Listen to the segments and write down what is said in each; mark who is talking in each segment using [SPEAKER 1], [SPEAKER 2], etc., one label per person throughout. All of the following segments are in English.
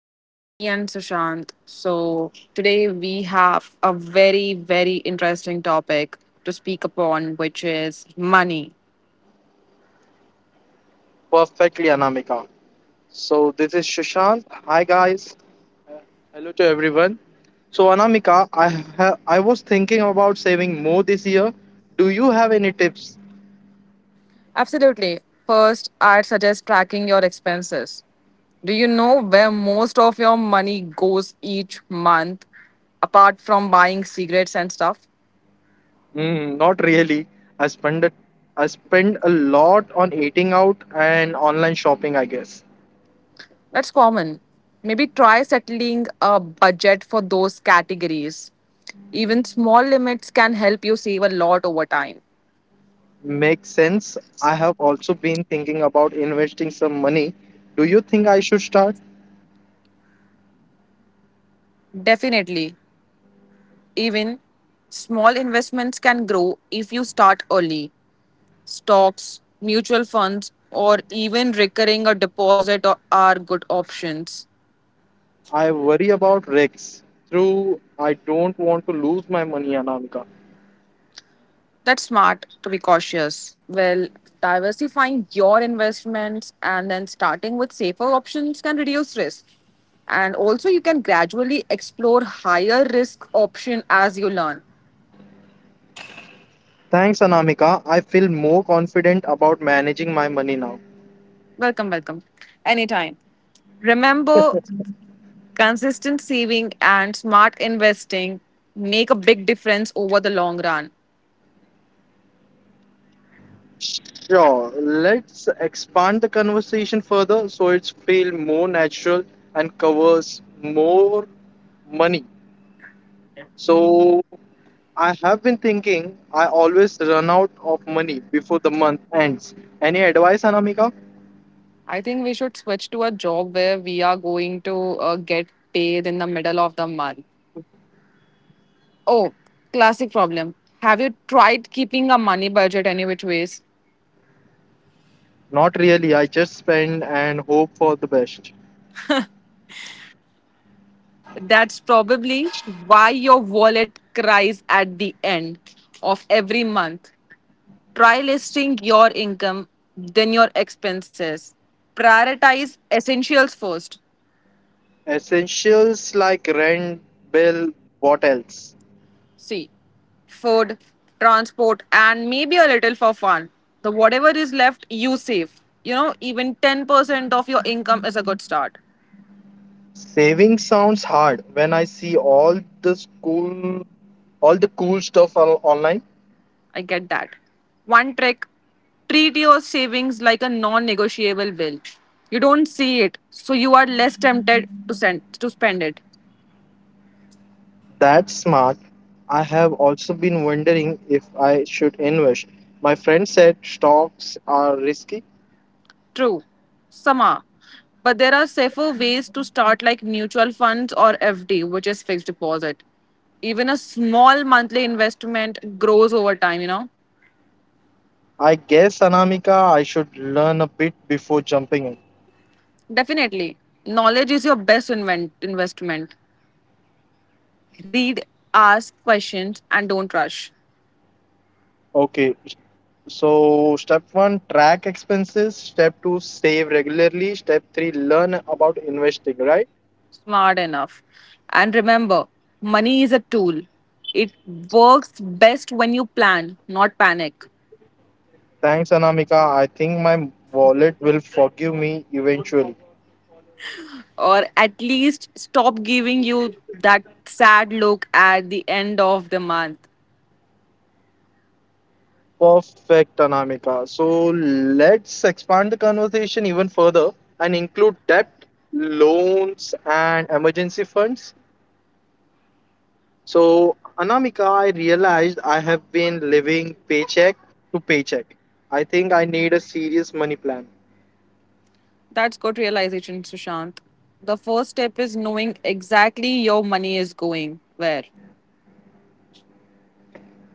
[SPEAKER 1] with me and Sushant. So, today we have a very, very interesting topic to speak upon, which is money.
[SPEAKER 2] Perfectly, Anamika. So, this is Shashant. Hi, guys. Uh, Hello to everyone. So, Anamika, I was thinking about saving more this year. Do you have any tips?
[SPEAKER 1] Absolutely. First, I'd suggest tracking your expenses. Do you know where most of your money goes each month, apart from buying cigarettes and stuff?
[SPEAKER 2] Mm, not really. I spend a, I spend a lot on eating out and online shopping, I guess.
[SPEAKER 1] That's common. Maybe try settling a budget for those categories. Even small limits can help you save a lot over time.
[SPEAKER 2] Makes sense. I have also been thinking about investing some money. Do you think I should start?
[SPEAKER 1] Definitely. Even small investments can grow if you start early. Stocks, mutual funds, or even recurring a deposit are good options.
[SPEAKER 2] I worry about risks. Through, I don't want to lose my money, Anamika.
[SPEAKER 1] That's smart to be cautious. Well, diversifying your investments and then starting with safer options can reduce risk. And also, you can gradually explore higher risk option as you learn.
[SPEAKER 2] Thanks, Anamika. I feel more confident about managing my money now.
[SPEAKER 1] Welcome, welcome. Anytime. Remember, consistent saving and smart investing make a big difference over the long run.
[SPEAKER 2] Sure, let's expand the conversation further so it's feel more natural and covers more money. So I have been thinking I always run out of money before the month ends. Any advice, Anamika?
[SPEAKER 1] I think we should switch to a job where we are going to get paid in the middle of the month. Oh, classic problem. Have you tried keeping a money budget any which ways?
[SPEAKER 2] Not really. I just spend and hope for the best.
[SPEAKER 1] That's probably why your wallet cries at the end of every month. Try listing your income, then your expenses. Prioritize essentials first.
[SPEAKER 2] Essentials like rent, bill, what else?
[SPEAKER 1] See, food, transport, and maybe a little for fun. The Whatever is left, you save. You know, even 10% of your income is a good start.
[SPEAKER 2] Saving sounds hard when I see all the school, all the cool stuff online.
[SPEAKER 1] I get that. One trick: treat your savings like a non negotiable bill. You don't see it, so you are less tempted to spend it.
[SPEAKER 2] That's smart. I have also been wondering if I should invest. My friend said stocks are risky.
[SPEAKER 1] True, Sama. But there are safer ways to start, like mutual funds or FD, which is fixed deposit. Even a small monthly investment grows over time, you know?
[SPEAKER 2] I guess Anamika, I should learn a bit before jumping in.
[SPEAKER 1] Definitely. Knowledge is your best investment. Read, ask questions, and don't rush.
[SPEAKER 2] Okay, so step one, track expenses. Step two, save regularly. Step three, learn about investing, right?
[SPEAKER 1] Smart enough. And remember, money is a tool. It works best when you plan, not panic.
[SPEAKER 2] Thanks, Anamika. I think my wallet will forgive me eventually.
[SPEAKER 1] Or at least stop giving you that sad look at the end of the month.
[SPEAKER 2] Perfect, Anamika. So let's expand the conversation even further and include debt, loans, and emergency funds. So, Anamika, I realized I have been living paycheck to paycheck. I think I need a serious money plan.
[SPEAKER 1] That's good realization, Sushant. The first step is knowing exactly your money is going where.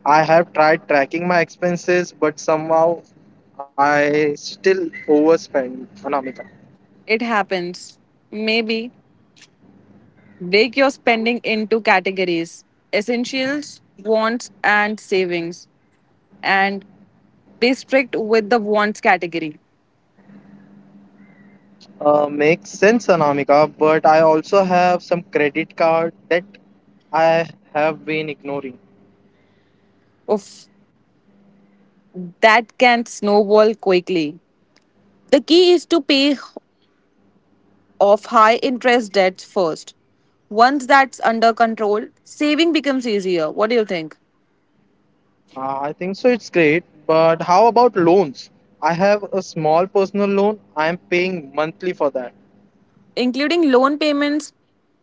[SPEAKER 2] I have tried tracking my expenses, but somehow I still overspend, Anamika.
[SPEAKER 1] It happens. Maybe break your spending into categories: essentials, wants, and savings, and be strict with the wants category.
[SPEAKER 2] Makes sense, Anamika, but I also have some credit card that I have been ignoring.
[SPEAKER 1] Of that can snowball quickly. The key is to pay of high interest debts first. Once that's under control, saving becomes easier. What do you think?
[SPEAKER 2] I think so, it's great, but how about loans? I have a small personal loan, I'm paying monthly for that.
[SPEAKER 1] Including loan payments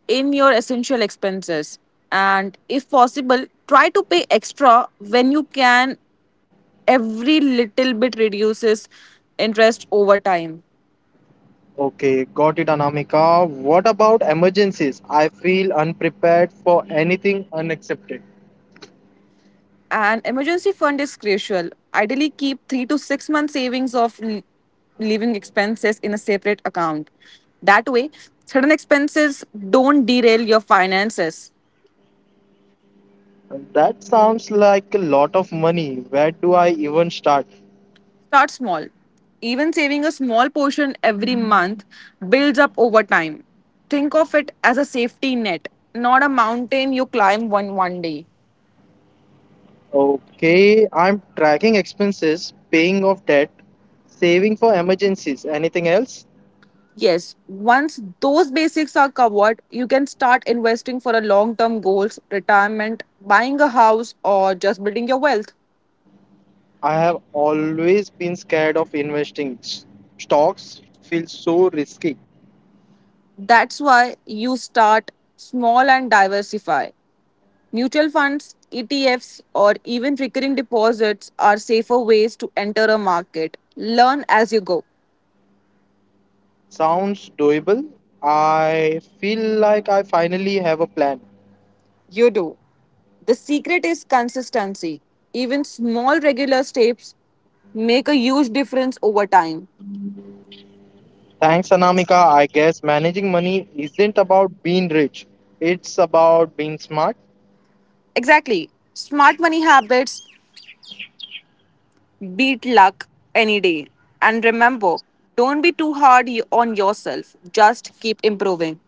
[SPEAKER 1] in your essential expenses. And if possible, try to pay extra when you can. Every little bit reduces interest over time.
[SPEAKER 2] Okay, got it, Anamika. What about emergencies? I feel unprepared for anything unexpected.
[SPEAKER 1] An emergency fund is crucial. Ideally, keep 3 to 6 months savings of living expenses in a separate account. That way, sudden expenses don't derail your finances.
[SPEAKER 2] That sounds like a lot of money. Where do I even start?
[SPEAKER 1] Start small. Even saving a small portion every month builds up over time. Think of it as a safety net, not a mountain you climb one day.
[SPEAKER 2] Okay, I'm tracking expenses, paying off debt, saving for emergencies. Anything else?
[SPEAKER 1] Yes, once those basics are covered, you can start investing for a long-term goals, retirement, buying a house or just building your wealth.
[SPEAKER 2] I have always been scared of investing. Stocks feel so risky.
[SPEAKER 1] That's why you start small and diversify. Mutual funds, ETFs or even recurring deposits are safer ways to enter a market. Learn as you go.
[SPEAKER 2] Sounds doable. I feel like I finally have a plan.
[SPEAKER 1] You do. The secret is consistency. Even small regular steps make a huge difference over time.
[SPEAKER 2] Thanks, Anamika. I guess managing money isn't about being rich, it's about being smart.
[SPEAKER 1] Exactly. Smart money habits beat luck any day. And remember, don't be too hard on yourself. Just keep improving.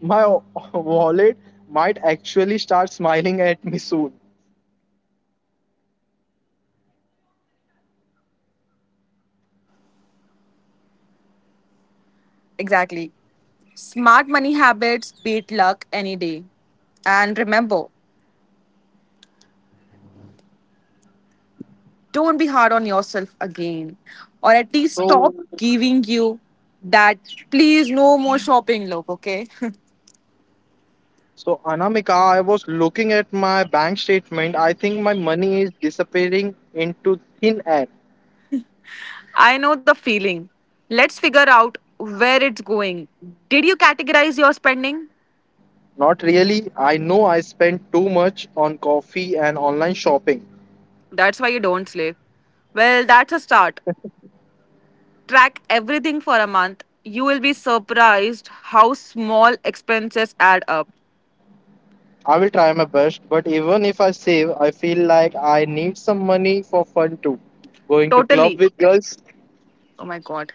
[SPEAKER 2] My wallet might actually start smiling at me soon.
[SPEAKER 1] Exactly. Smart money habits beat luck any day. And remember, don't be hard on yourself again. Or at least
[SPEAKER 2] So,
[SPEAKER 1] stop giving you that, please, no more shopping look, okay?
[SPEAKER 2] So, Anamika, I was looking at my bank statement. I think my money is disappearing into thin air.
[SPEAKER 1] I know the feeling. Let's figure out where it's going. Did you categorize your spending?
[SPEAKER 2] Not really. I know I spend too much on coffee and online shopping.
[SPEAKER 1] That's why you don't sleep. Well, that's a start. Track everything for a month. You will be surprised how small expenses add up.
[SPEAKER 2] I will try my best, but even if I save, I feel like I need some money for fun too. Going to club
[SPEAKER 1] Totally.
[SPEAKER 2] with girls?
[SPEAKER 1] Oh my god.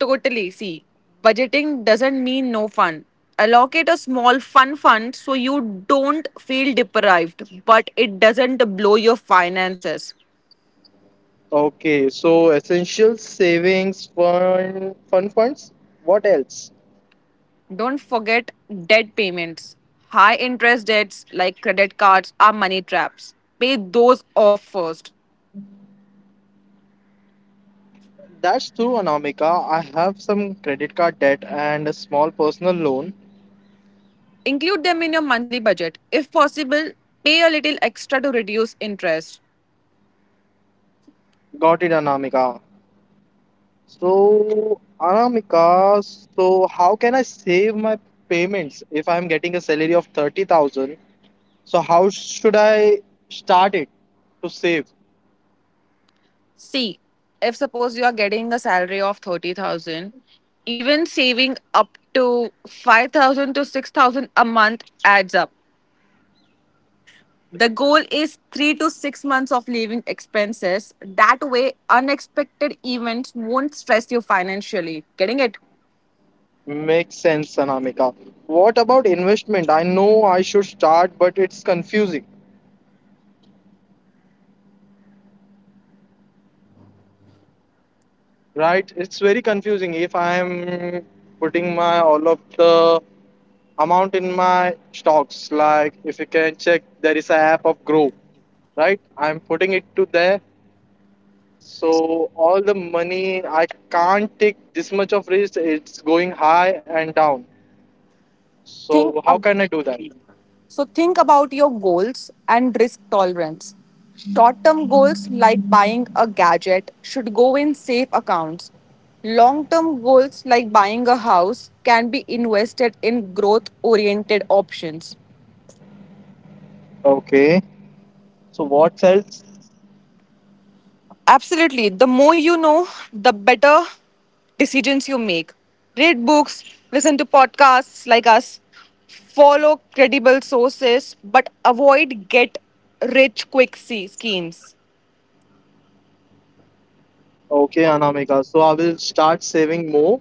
[SPEAKER 1] Totally. See, budgeting doesn't mean no fun. Allocate a small fun fund so you don't feel deprived, but it doesn't blow your finances.
[SPEAKER 2] Okay, so essential savings, fun, fun funds. What else?
[SPEAKER 1] Don't forget debt payments. High interest debts like credit cards are money traps. Pay those off first.
[SPEAKER 2] That's true, Anamika. I have some credit card debt and a small personal loan.
[SPEAKER 1] Include them in your monthly budget. If possible, pay a little extra to reduce interest.
[SPEAKER 2] Got it, Anamika. So, Anamika, so how can I save my payments if I'm getting a salary of 30,000? So, how should I start it to save?
[SPEAKER 1] See, if suppose you are getting a salary of 30,000, even saving up to 5,000 to 6,000 a month adds up. The goal is 3 to 6 months of living expenses. That way unexpected events won't stress you financially. Getting it?
[SPEAKER 2] Makes sense, Anamika. What about investment? I know I should start, but it's confusing, right? It's very confusing if I'm putting my all of the amount in my stocks. Like, if you can check, there is a app of Grow, right? I'm putting it to there. So all the money I can't take this much of risk. It's going high and down. So
[SPEAKER 1] Think
[SPEAKER 2] how
[SPEAKER 1] about
[SPEAKER 2] can I do that?
[SPEAKER 1] So think about your goals and risk tolerance. Short term goals like buying a gadget should go in safe accounts. Long term goals like buying a house can be invested in growth oriented options.
[SPEAKER 2] Okay. So what else?
[SPEAKER 1] Absolutely. The more you know, the better decisions you make. Read books, listen to podcasts like us, follow credible sources, but avoid get rich quick schemes.
[SPEAKER 2] Okay, Anamika. So I will start saving more.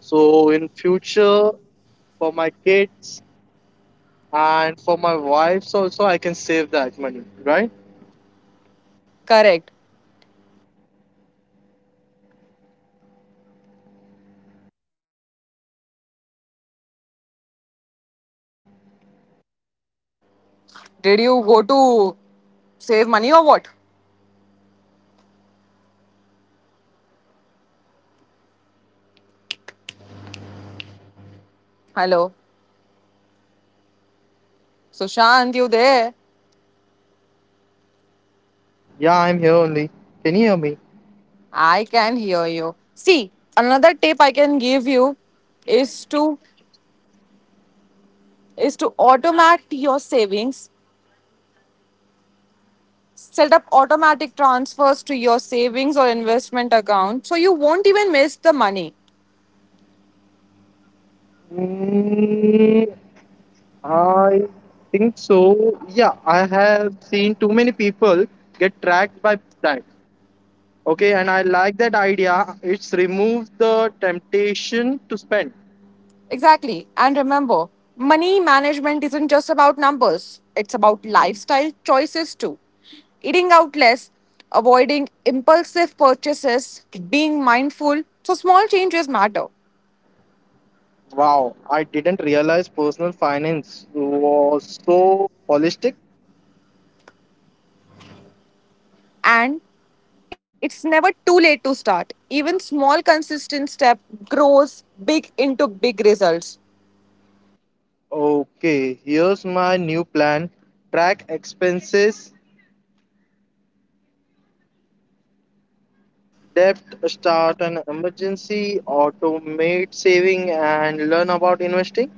[SPEAKER 2] So in future for my kids and for my wives also I can save that money, right?
[SPEAKER 1] Correct. Did you go to save money or what? Hello. Sushant, you there?
[SPEAKER 2] Yeah, I'm here only. Can you hear me?
[SPEAKER 1] I can hear you. See, another tip I can give you is to is to automate your savings. Set up automatic transfers to your savings or investment account so you won't even miss the money.
[SPEAKER 2] Mm, I think so. Yeah, I have seen too many people get tracked by that. Okay, and I like that idea. It's remove the temptation to spend.
[SPEAKER 1] Exactly. And remember, money management isn't just about numbers, it's about lifestyle choices too. Eating out less, avoiding impulsive purchases, being mindful. So, small changes matter.
[SPEAKER 2] Wow, I didn't realize personal finance was so holistic.
[SPEAKER 1] And it's never too late to start. Even small, consistent step grows big into big results.
[SPEAKER 2] Okay, here's my new plan, track expenses, debt, start an emergency, automate saving, and learn about investing.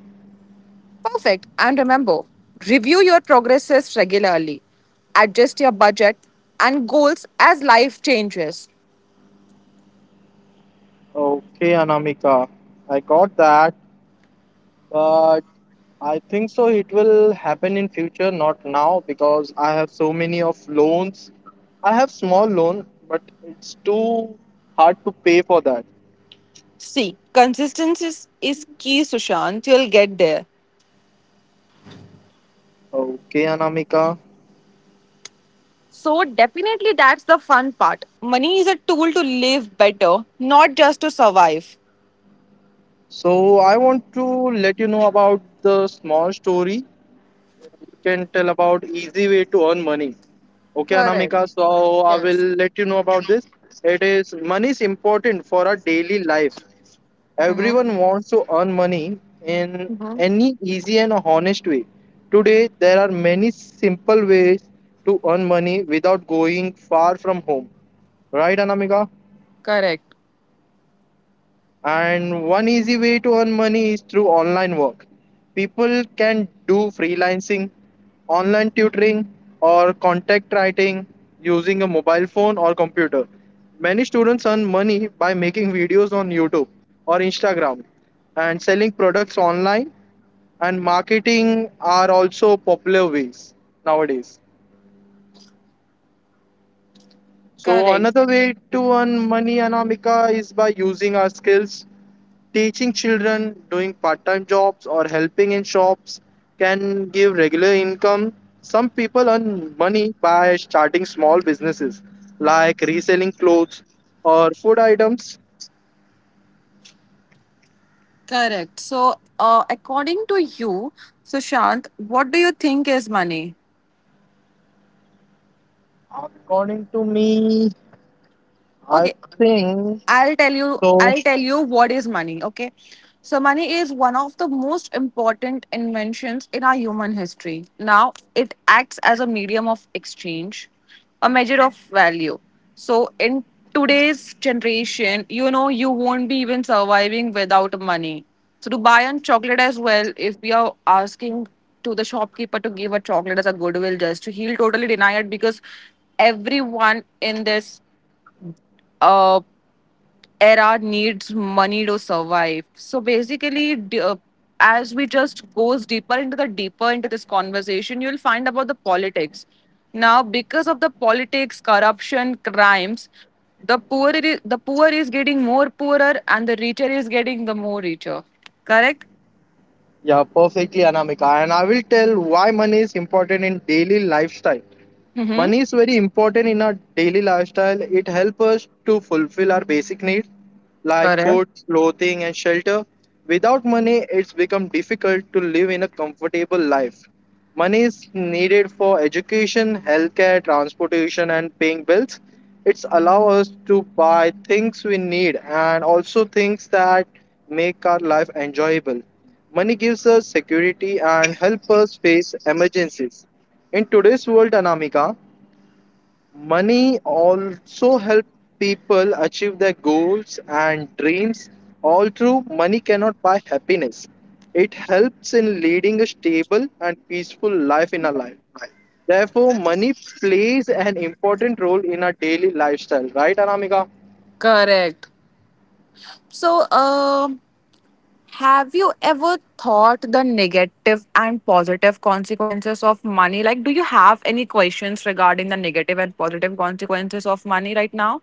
[SPEAKER 1] Perfect. And remember, review your progresses regularly, adjust your budget and goals as life changes.
[SPEAKER 2] Okay, Anamika, I got that, but I think so it will happen in future, not now, because I have so many of loans I have small loan, but it's too hard to pay for that.
[SPEAKER 1] See, consistency is key, Sushant. You'll get there.
[SPEAKER 2] Okay, Anamika.
[SPEAKER 1] So, definitely, that's the fun part. Money is a tool to live better, not just to survive.
[SPEAKER 2] So I want to let you know about the small story. You can tell about easy way to earn money. Okay,
[SPEAKER 1] Correct.
[SPEAKER 2] Anamika. So I will
[SPEAKER 1] Yes.
[SPEAKER 2] let you know about this. It is money is important for our daily life.
[SPEAKER 1] Mhm.
[SPEAKER 2] Everyone wants to earn money in
[SPEAKER 1] Mm-hmm.
[SPEAKER 2] any easy and honest way. Today, there are many simple ways to earn money without going far from home. Right, Anamika?
[SPEAKER 1] Correct.
[SPEAKER 2] And one easy way to earn money is through online work. People can do freelancing, online tutoring, or contact writing using a mobile phone or computer. Many students earn money by making videos on YouTube or Instagram and selling products online, and marketing are also popular ways nowadays. So
[SPEAKER 1] Correct.
[SPEAKER 2] another way to earn money, Anamika, is by using our skills. Teaching children, doing part-time jobs, or helping in shops can give regular income. Some people earn money by starting small businesses like reselling clothes or food items.
[SPEAKER 1] Correct. So, according to you, Sushant, what do you think is money?
[SPEAKER 2] According to me, I
[SPEAKER 1] Okay.
[SPEAKER 2] think
[SPEAKER 1] I'll tell you
[SPEAKER 2] so.
[SPEAKER 1] I'll tell you what is money, okay? So money is one of the most important inventions in our human history. Now it acts as a medium of exchange, a measure of value. So in today's generation, you know you won't be even surviving without money. So to buy on chocolate as well, if we are asking to the shopkeeper to give a chocolate as a goodwill gesture, he'll totally deny it because everyone in this uh era needs money to survive. So basically, as we just goes deeper into this conversation, you'll find about the politics. Now, because of the politics, corruption, crimes, the poor is getting more poorer, and the richer is getting the more richer. Correct?
[SPEAKER 2] Yeah, perfectly, Anamika. And I will tell why money is important in daily lifestyle.
[SPEAKER 1] Mm-hmm.
[SPEAKER 2] Money is very important in our daily lifestyle. It helps us to fulfill our basic needs like
[SPEAKER 1] Correct. Correct.
[SPEAKER 2] food, clothing, and shelter. Without money, it's become difficult to live in a comfortable life. Money is needed for education, healthcare, transportation, and paying bills. It's allow us to buy things we need and also things that make our life enjoyable. Money gives us security and help us face emergencies. In today's world, Anamika, money also help people achieve their goals and dreams. All true, money cannot buy happiness. It helps in leading a stable and peaceful life in our life. Therefore, money plays an important role in our daily lifestyle, right, Anamika?
[SPEAKER 1] Correct. So, have you ever thought the negative and positive consequences of money? Like, do you have any questions regarding the negative and positive consequences of money right now?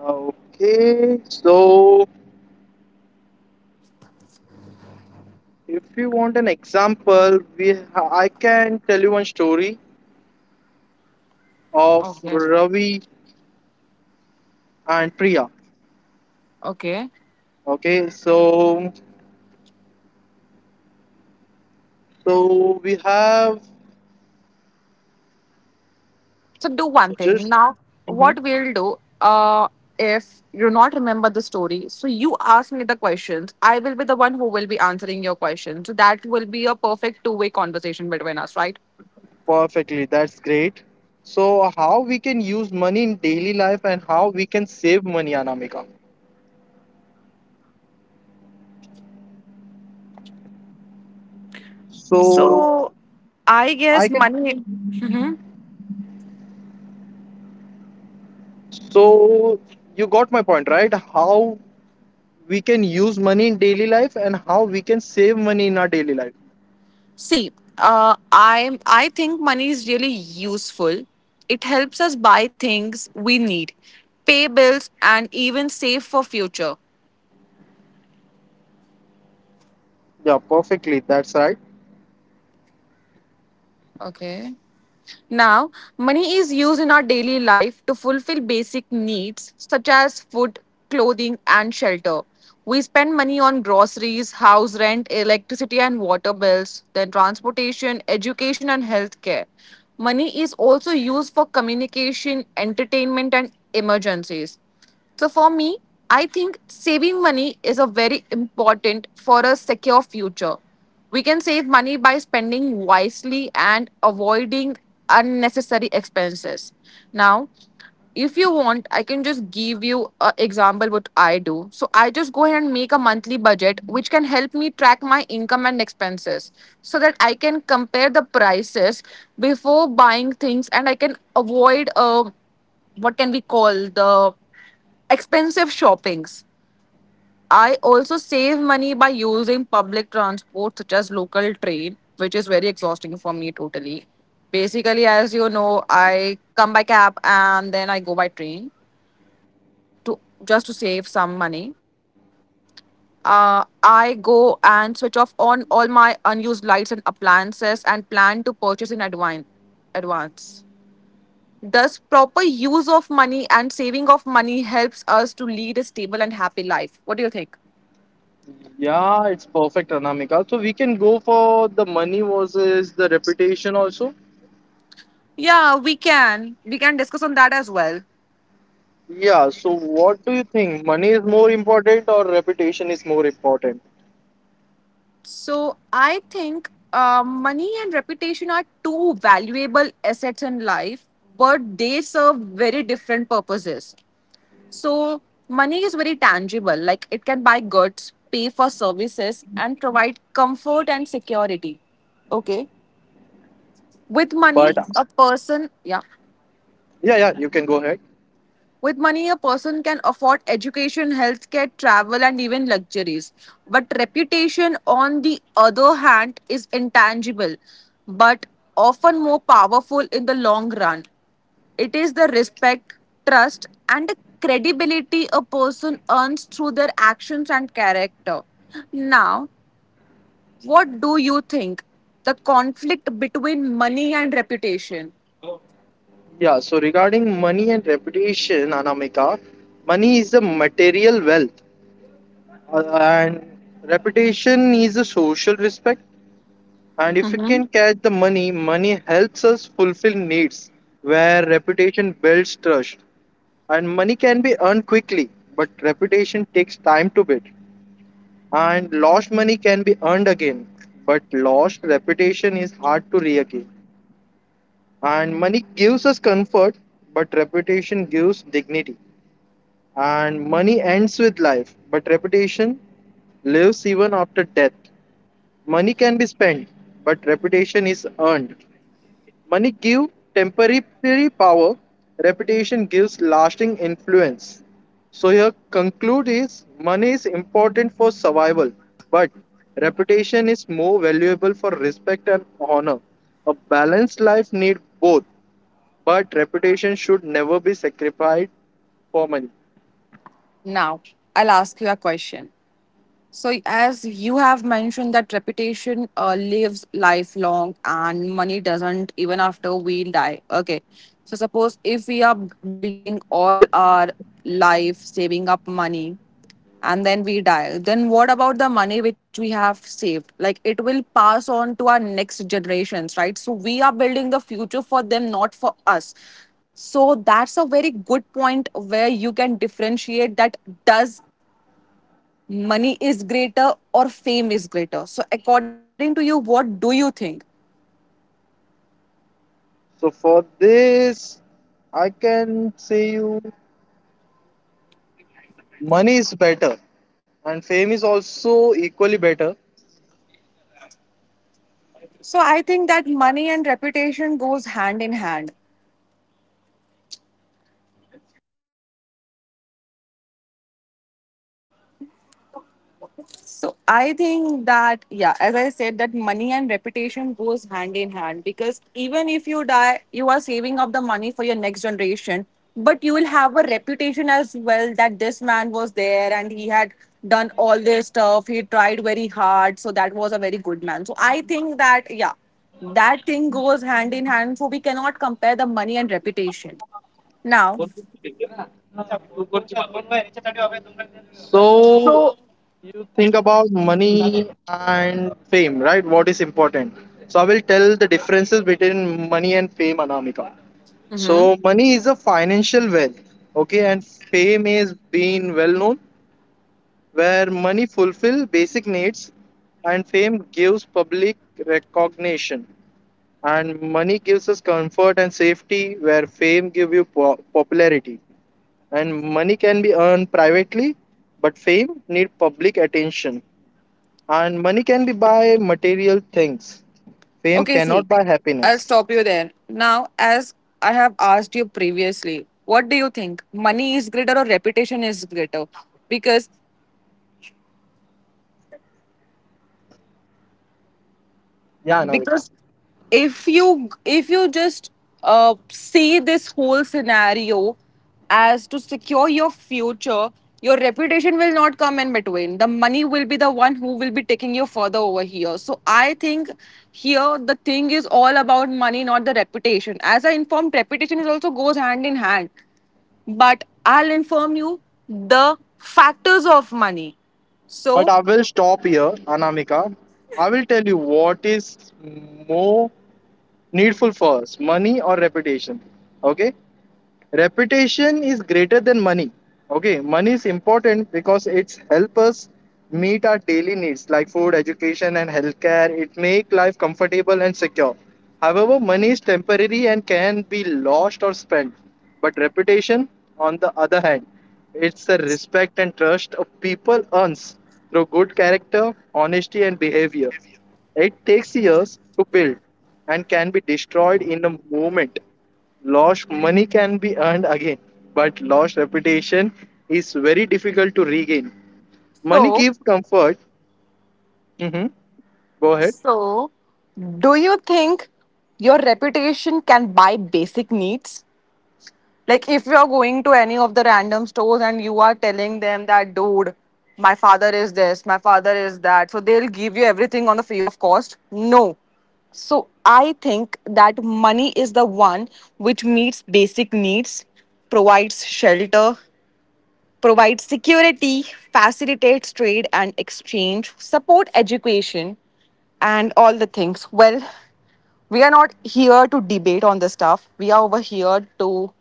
[SPEAKER 2] Okay, so if you want an example, we I can tell you one story of
[SPEAKER 1] Okay.
[SPEAKER 2] Ravi and Priya.
[SPEAKER 1] Okay.
[SPEAKER 2] Okay, so so we have
[SPEAKER 1] So do one thing.
[SPEAKER 2] just
[SPEAKER 1] Now,
[SPEAKER 2] hmm
[SPEAKER 1] what we'll do, if you not remember the story, so you ask me the questions. I will be the one who will be answering your questions. So that will be a perfect two-way conversation between us, right?
[SPEAKER 2] perfectly. That's great. So how we can use money in daily life and how we can save money, Anamika. So
[SPEAKER 1] So I
[SPEAKER 2] I
[SPEAKER 1] guess
[SPEAKER 2] can.
[SPEAKER 1] money. Mhm.
[SPEAKER 2] So you got my point, right? How we can use money in daily life and how we can save money in our daily life.
[SPEAKER 1] See, I think money is really useful. It helps us buy things we need, pay bills, and even save for future.
[SPEAKER 2] Yeah, perfectly. That's right.
[SPEAKER 1] Okay. Now, money is used in our daily life to fulfill basic needs such as food, clothing, and shelter. We spend money on groceries, house rent, electricity and water bills, then transportation, education, and healthcare. Money is also used for communication, entertainment, and emergencies. So for me, I think saving money is a very important for a secure future. We can save money by spending wisely and avoiding unnecessary expenses. Now, if you want, I can just give you an example what I do. So I just go ahead and make a monthly budget which can help me track my income and expenses so that I can compare the prices before buying things and I can avoid what can we call the expensive shoppings. I also save money by using public transport, such as local train, which is very exhausting for me totally. Basically, as you know, I come by cab and then I go by train to just to save some money. I go and switch off on all my unused lights and appliances and plan to purchase in advance. Advance. Thus, proper use of money and saving of money helps us to lead a stable and happy life. What do you think?
[SPEAKER 2] Yeah, it's perfect, Anamika. So we can go for the money versus the reputation also.
[SPEAKER 1] Yeah, we can. We can discuss on that as well.
[SPEAKER 2] Yeah, so what do you think? Money is more important or reputation is more important?
[SPEAKER 1] So I think money and reputation are two valuable assets in life, but they serve very different purposes. So money is very tangible, like it can buy goods, pay for services, and provide comfort and security. Okay. With
[SPEAKER 2] But
[SPEAKER 1] money, a person, yeah.
[SPEAKER 2] yeah, yeah, you can go ahead.
[SPEAKER 1] With money, a person can afford education, healthcare, travel, and even luxuries. But reputation, on the other hand, is intangible, but often more powerful in the long run. It is the respect, trust, and the credibility a person earns through their actions and character. Now, what do you think? The conflict between money and reputation.
[SPEAKER 2] Yeah, so regarding money and reputation, Anamika, money is a material wealth and reputation is a social respect. And if we
[SPEAKER 1] Mhm.
[SPEAKER 2] can catch the money, money helps us fulfill needs where reputation builds trust. And money can be earned quickly, but reputation takes time to build. And lost money can be earned again, but lost reputation is hard to regain. And money gives us comfort, but reputation gives dignity. And money ends with life, but reputation lives even after death. Money can be spent, but reputation is earned. Money gives temporary power, reputation gives lasting influence. So here conclude is money is important for survival, but reputation is more valuable for respect and honor. A balanced life need both, but reputation should never be sacrificed for money.
[SPEAKER 1] Now, I'll ask you a question. So, as you have mentioned, that reputation lives lifelong and money doesn't, even after we die. Okay. So, suppose if we are building all our life, saving up money, and then we die, then what about the money which we have saved? Like, it will pass on to our next generations, right? So, we are building the future for them, not for us. So, that's a very good point where you can differentiate that does money is greater or fame is greater? So according to you, what do you think?
[SPEAKER 2] So for this, I can say you money is better and fame is also equally better.
[SPEAKER 1] So I think that money and reputation goes hand in hand. So I think that, yeah, as I said, that money and reputation goes hand in hand, because even if you die, you are saving up the money for your next generation, but you will have a reputation as well that this man was there and he had done all this stuff. He tried very hard, so that was a very good man. So I think that, yeah, that thing goes hand in hand. So we cannot compare the money and reputation. Now,
[SPEAKER 2] So think about money and fame, right? What is important? So I will tell the differences between money and fame, Anamika. So money is a financial wealth, okay, and fame is being well known, where money fulfill basic needs, and fame gives public recognition, and money gives us comfort and safety, where fame give you popularity, and money can be earned privately, but fame need public attention and money can be buy material things. Fame
[SPEAKER 1] okay, see,
[SPEAKER 2] cannot buy
[SPEAKER 1] I'll
[SPEAKER 2] happiness.
[SPEAKER 1] stop you there. Now, as I have asked you previously, what do you think? Money is greater or reputation is greater? Because
[SPEAKER 2] Yeah, Anamika.
[SPEAKER 1] because if you, if you just see this whole scenario as to secure your future, your reputation will not come in between. The money will be the one who will be taking you further over here. So I think here the thing is all about money, not the reputation. As I informed, reputation is also goes hand in hand, but I'll inform you the factors of money. So,
[SPEAKER 2] But I will stop here, Anamika. I will tell you what is more needful first, money or reputation. Okay? Reputation is greater than money. Okay, money is important because it's help us meet our daily needs like food, education, and healthcare. It make life comfortable and secure. However, money is temporary and can be lost or spent, but reputation, on the other hand, it's the respect and trust a people earns through good character, honesty, and behavior. It takes years to build and can be destroyed in a moment. Lost money can be earned again, but lost reputation is very difficult to regain. Money
[SPEAKER 1] so,
[SPEAKER 2] gives comfort. Hmm. Go ahead.
[SPEAKER 1] so, do you think your reputation can buy basic needs? Like, if you're going to any of the random stores and you are telling them that, dude, my father is this, my father is that, so they'll give you everything on the free of cost? No. So I think that money is the one which meets basic needs, provides shelter, provide security, facilitates trade and exchange, support education, and all the things. Well, we are not here to debate on this stuff. We are over here to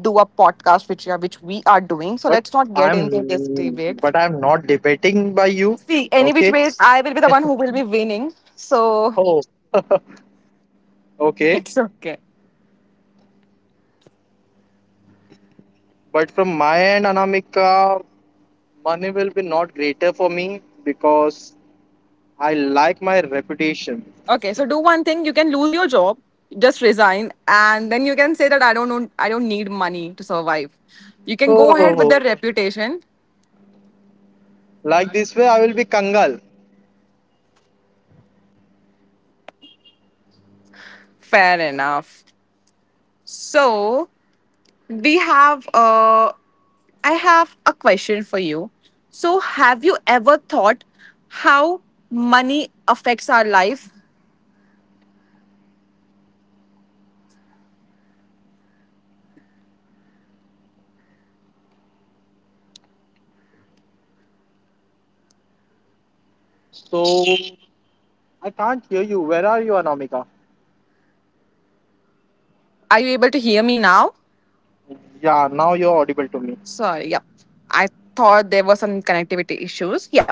[SPEAKER 1] do a podcast, which are which we are doing. So
[SPEAKER 2] But
[SPEAKER 1] let's not get into this
[SPEAKER 2] I'm
[SPEAKER 1] debate.
[SPEAKER 2] but I'm not debating by you.
[SPEAKER 1] See, any which
[SPEAKER 2] Okay.
[SPEAKER 1] ways, I will be the one who will be winning. So
[SPEAKER 2] Oh. Okay.
[SPEAKER 1] it's okay.
[SPEAKER 2] But from my end, Anamika, money will be not greater for me because I like my reputation.
[SPEAKER 1] Okay, so do one thing. You can lose your job, just resign, and then you can say that I don't know, I don't need money to survive. You can go ahead with the
[SPEAKER 2] Oh.
[SPEAKER 1] reputation.
[SPEAKER 2] Like this way, I will be Kangal.
[SPEAKER 1] Fair enough. So we have I have a question for you. So have you ever thought how money affects our life?
[SPEAKER 2] So I can't hear you. Where are you, Anamika?
[SPEAKER 1] Are you able to hear me now?
[SPEAKER 2] Yeah, now you're audible to me.
[SPEAKER 1] Sorry, yeah. I thought there were some connectivity issues. Yeah.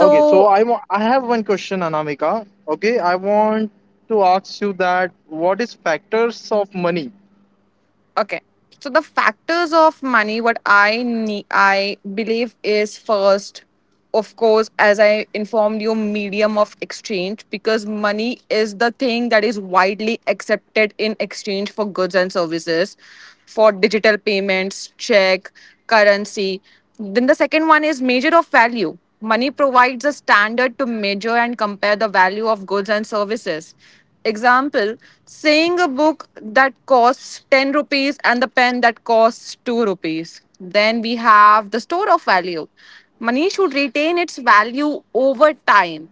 [SPEAKER 2] Okay, so I have one question, Anamika. Okay, I want to ask you that what is factors of money?
[SPEAKER 1] okay, so the factors of money, what I need, I believe, is first, of course, as I informed you, medium of exchange, because money is the thing that is widely accepted in exchange for goods and services, for digital payments, check, currency. Then the second one is measure of value. Money provides a standard to measure and compare the value of goods and services. Example, saying a book that costs 10 rupees and the pen that costs 2 rupees. Then we have the store of value. Money should retain its value over time,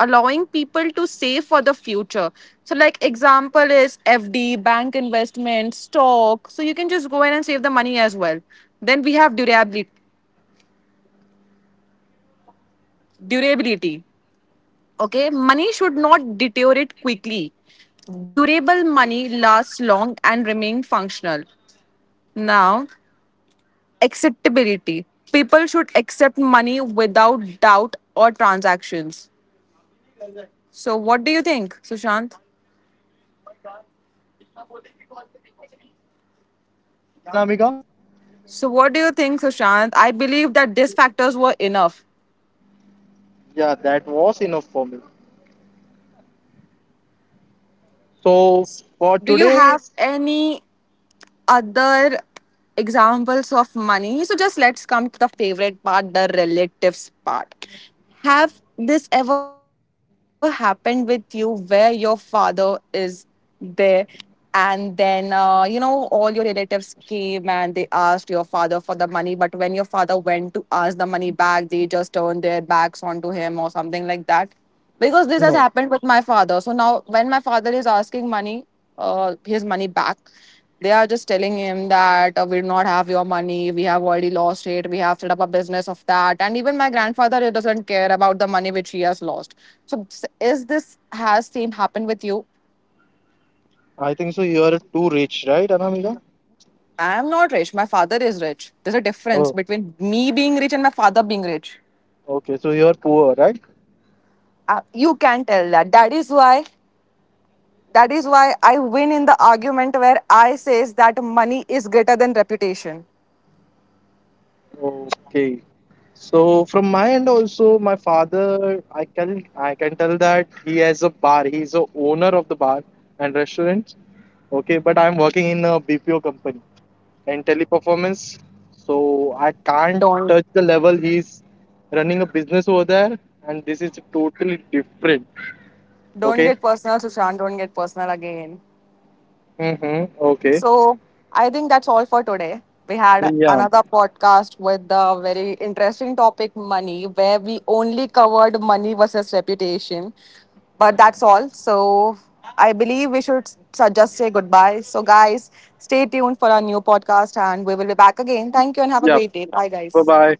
[SPEAKER 1] allowing people to save for the future. So, like example is FD, bank investment, stock. So you can just go in and save the money as well. Then we have durability. Okay, money should not deteriorate quickly. Durable money lasts long and remain functional. Now, acceptability. People should accept money without doubt or transactions. So, what do you think, Sushant?
[SPEAKER 2] Yeah, Anamika.
[SPEAKER 1] So, what do you think, Sushant? I believe that these factors were enough.
[SPEAKER 2] Yeah, that was enough for me. So for
[SPEAKER 1] Do you
[SPEAKER 2] today,
[SPEAKER 1] have any other examples of money? So just let's come to the favorite part, the relatives part. Have this ever happened with you, where your father is there and then, you know, all your relatives came and they asked your father for the money, but when your father went to ask the money back, they just turned their backs onto him or something like that? Because this has happened with my father. So now, when my father is asking money, his money back, they are just telling him that, we do not have your money. We have already lost it. We have set up a business of that. And even my grandfather, he doesn't care about the money which he has lost. So is this has same happened with you?
[SPEAKER 2] I think so. You are too rich, right, Anamika?
[SPEAKER 1] I am not rich. My father is rich. There's a difference
[SPEAKER 2] Oh,
[SPEAKER 1] between me being rich and my father being rich.
[SPEAKER 2] okay. So you are poor, right?
[SPEAKER 1] You can tell that. That is why. That is why I win in the argument where I says that money is greater than reputation.
[SPEAKER 2] Okay. So from my end also, my father, I can tell that he has a bar. He's a owner of the bar and restaurant. Okay, but I'm working in a BPO company and teleperformance. So I can't
[SPEAKER 1] Don't.
[SPEAKER 2] touch the level he's running a business over there, and this is totally different.
[SPEAKER 1] Don't
[SPEAKER 2] Okay.
[SPEAKER 1] get personal, Sushant. Don't get personal again.
[SPEAKER 2] Mm-hmm. Okay.
[SPEAKER 1] So I think that's all for today. We had
[SPEAKER 2] Yeah.
[SPEAKER 1] another podcast with the very interesting topic money, where we only covered money versus reputation. But that's all. So I believe we should just say goodbye. So, guys, stay tuned for our new podcast and we will be back again. Thank you and have a
[SPEAKER 2] Yeah.
[SPEAKER 1] great day. Bye,
[SPEAKER 2] Bye
[SPEAKER 1] guys.
[SPEAKER 2] bye.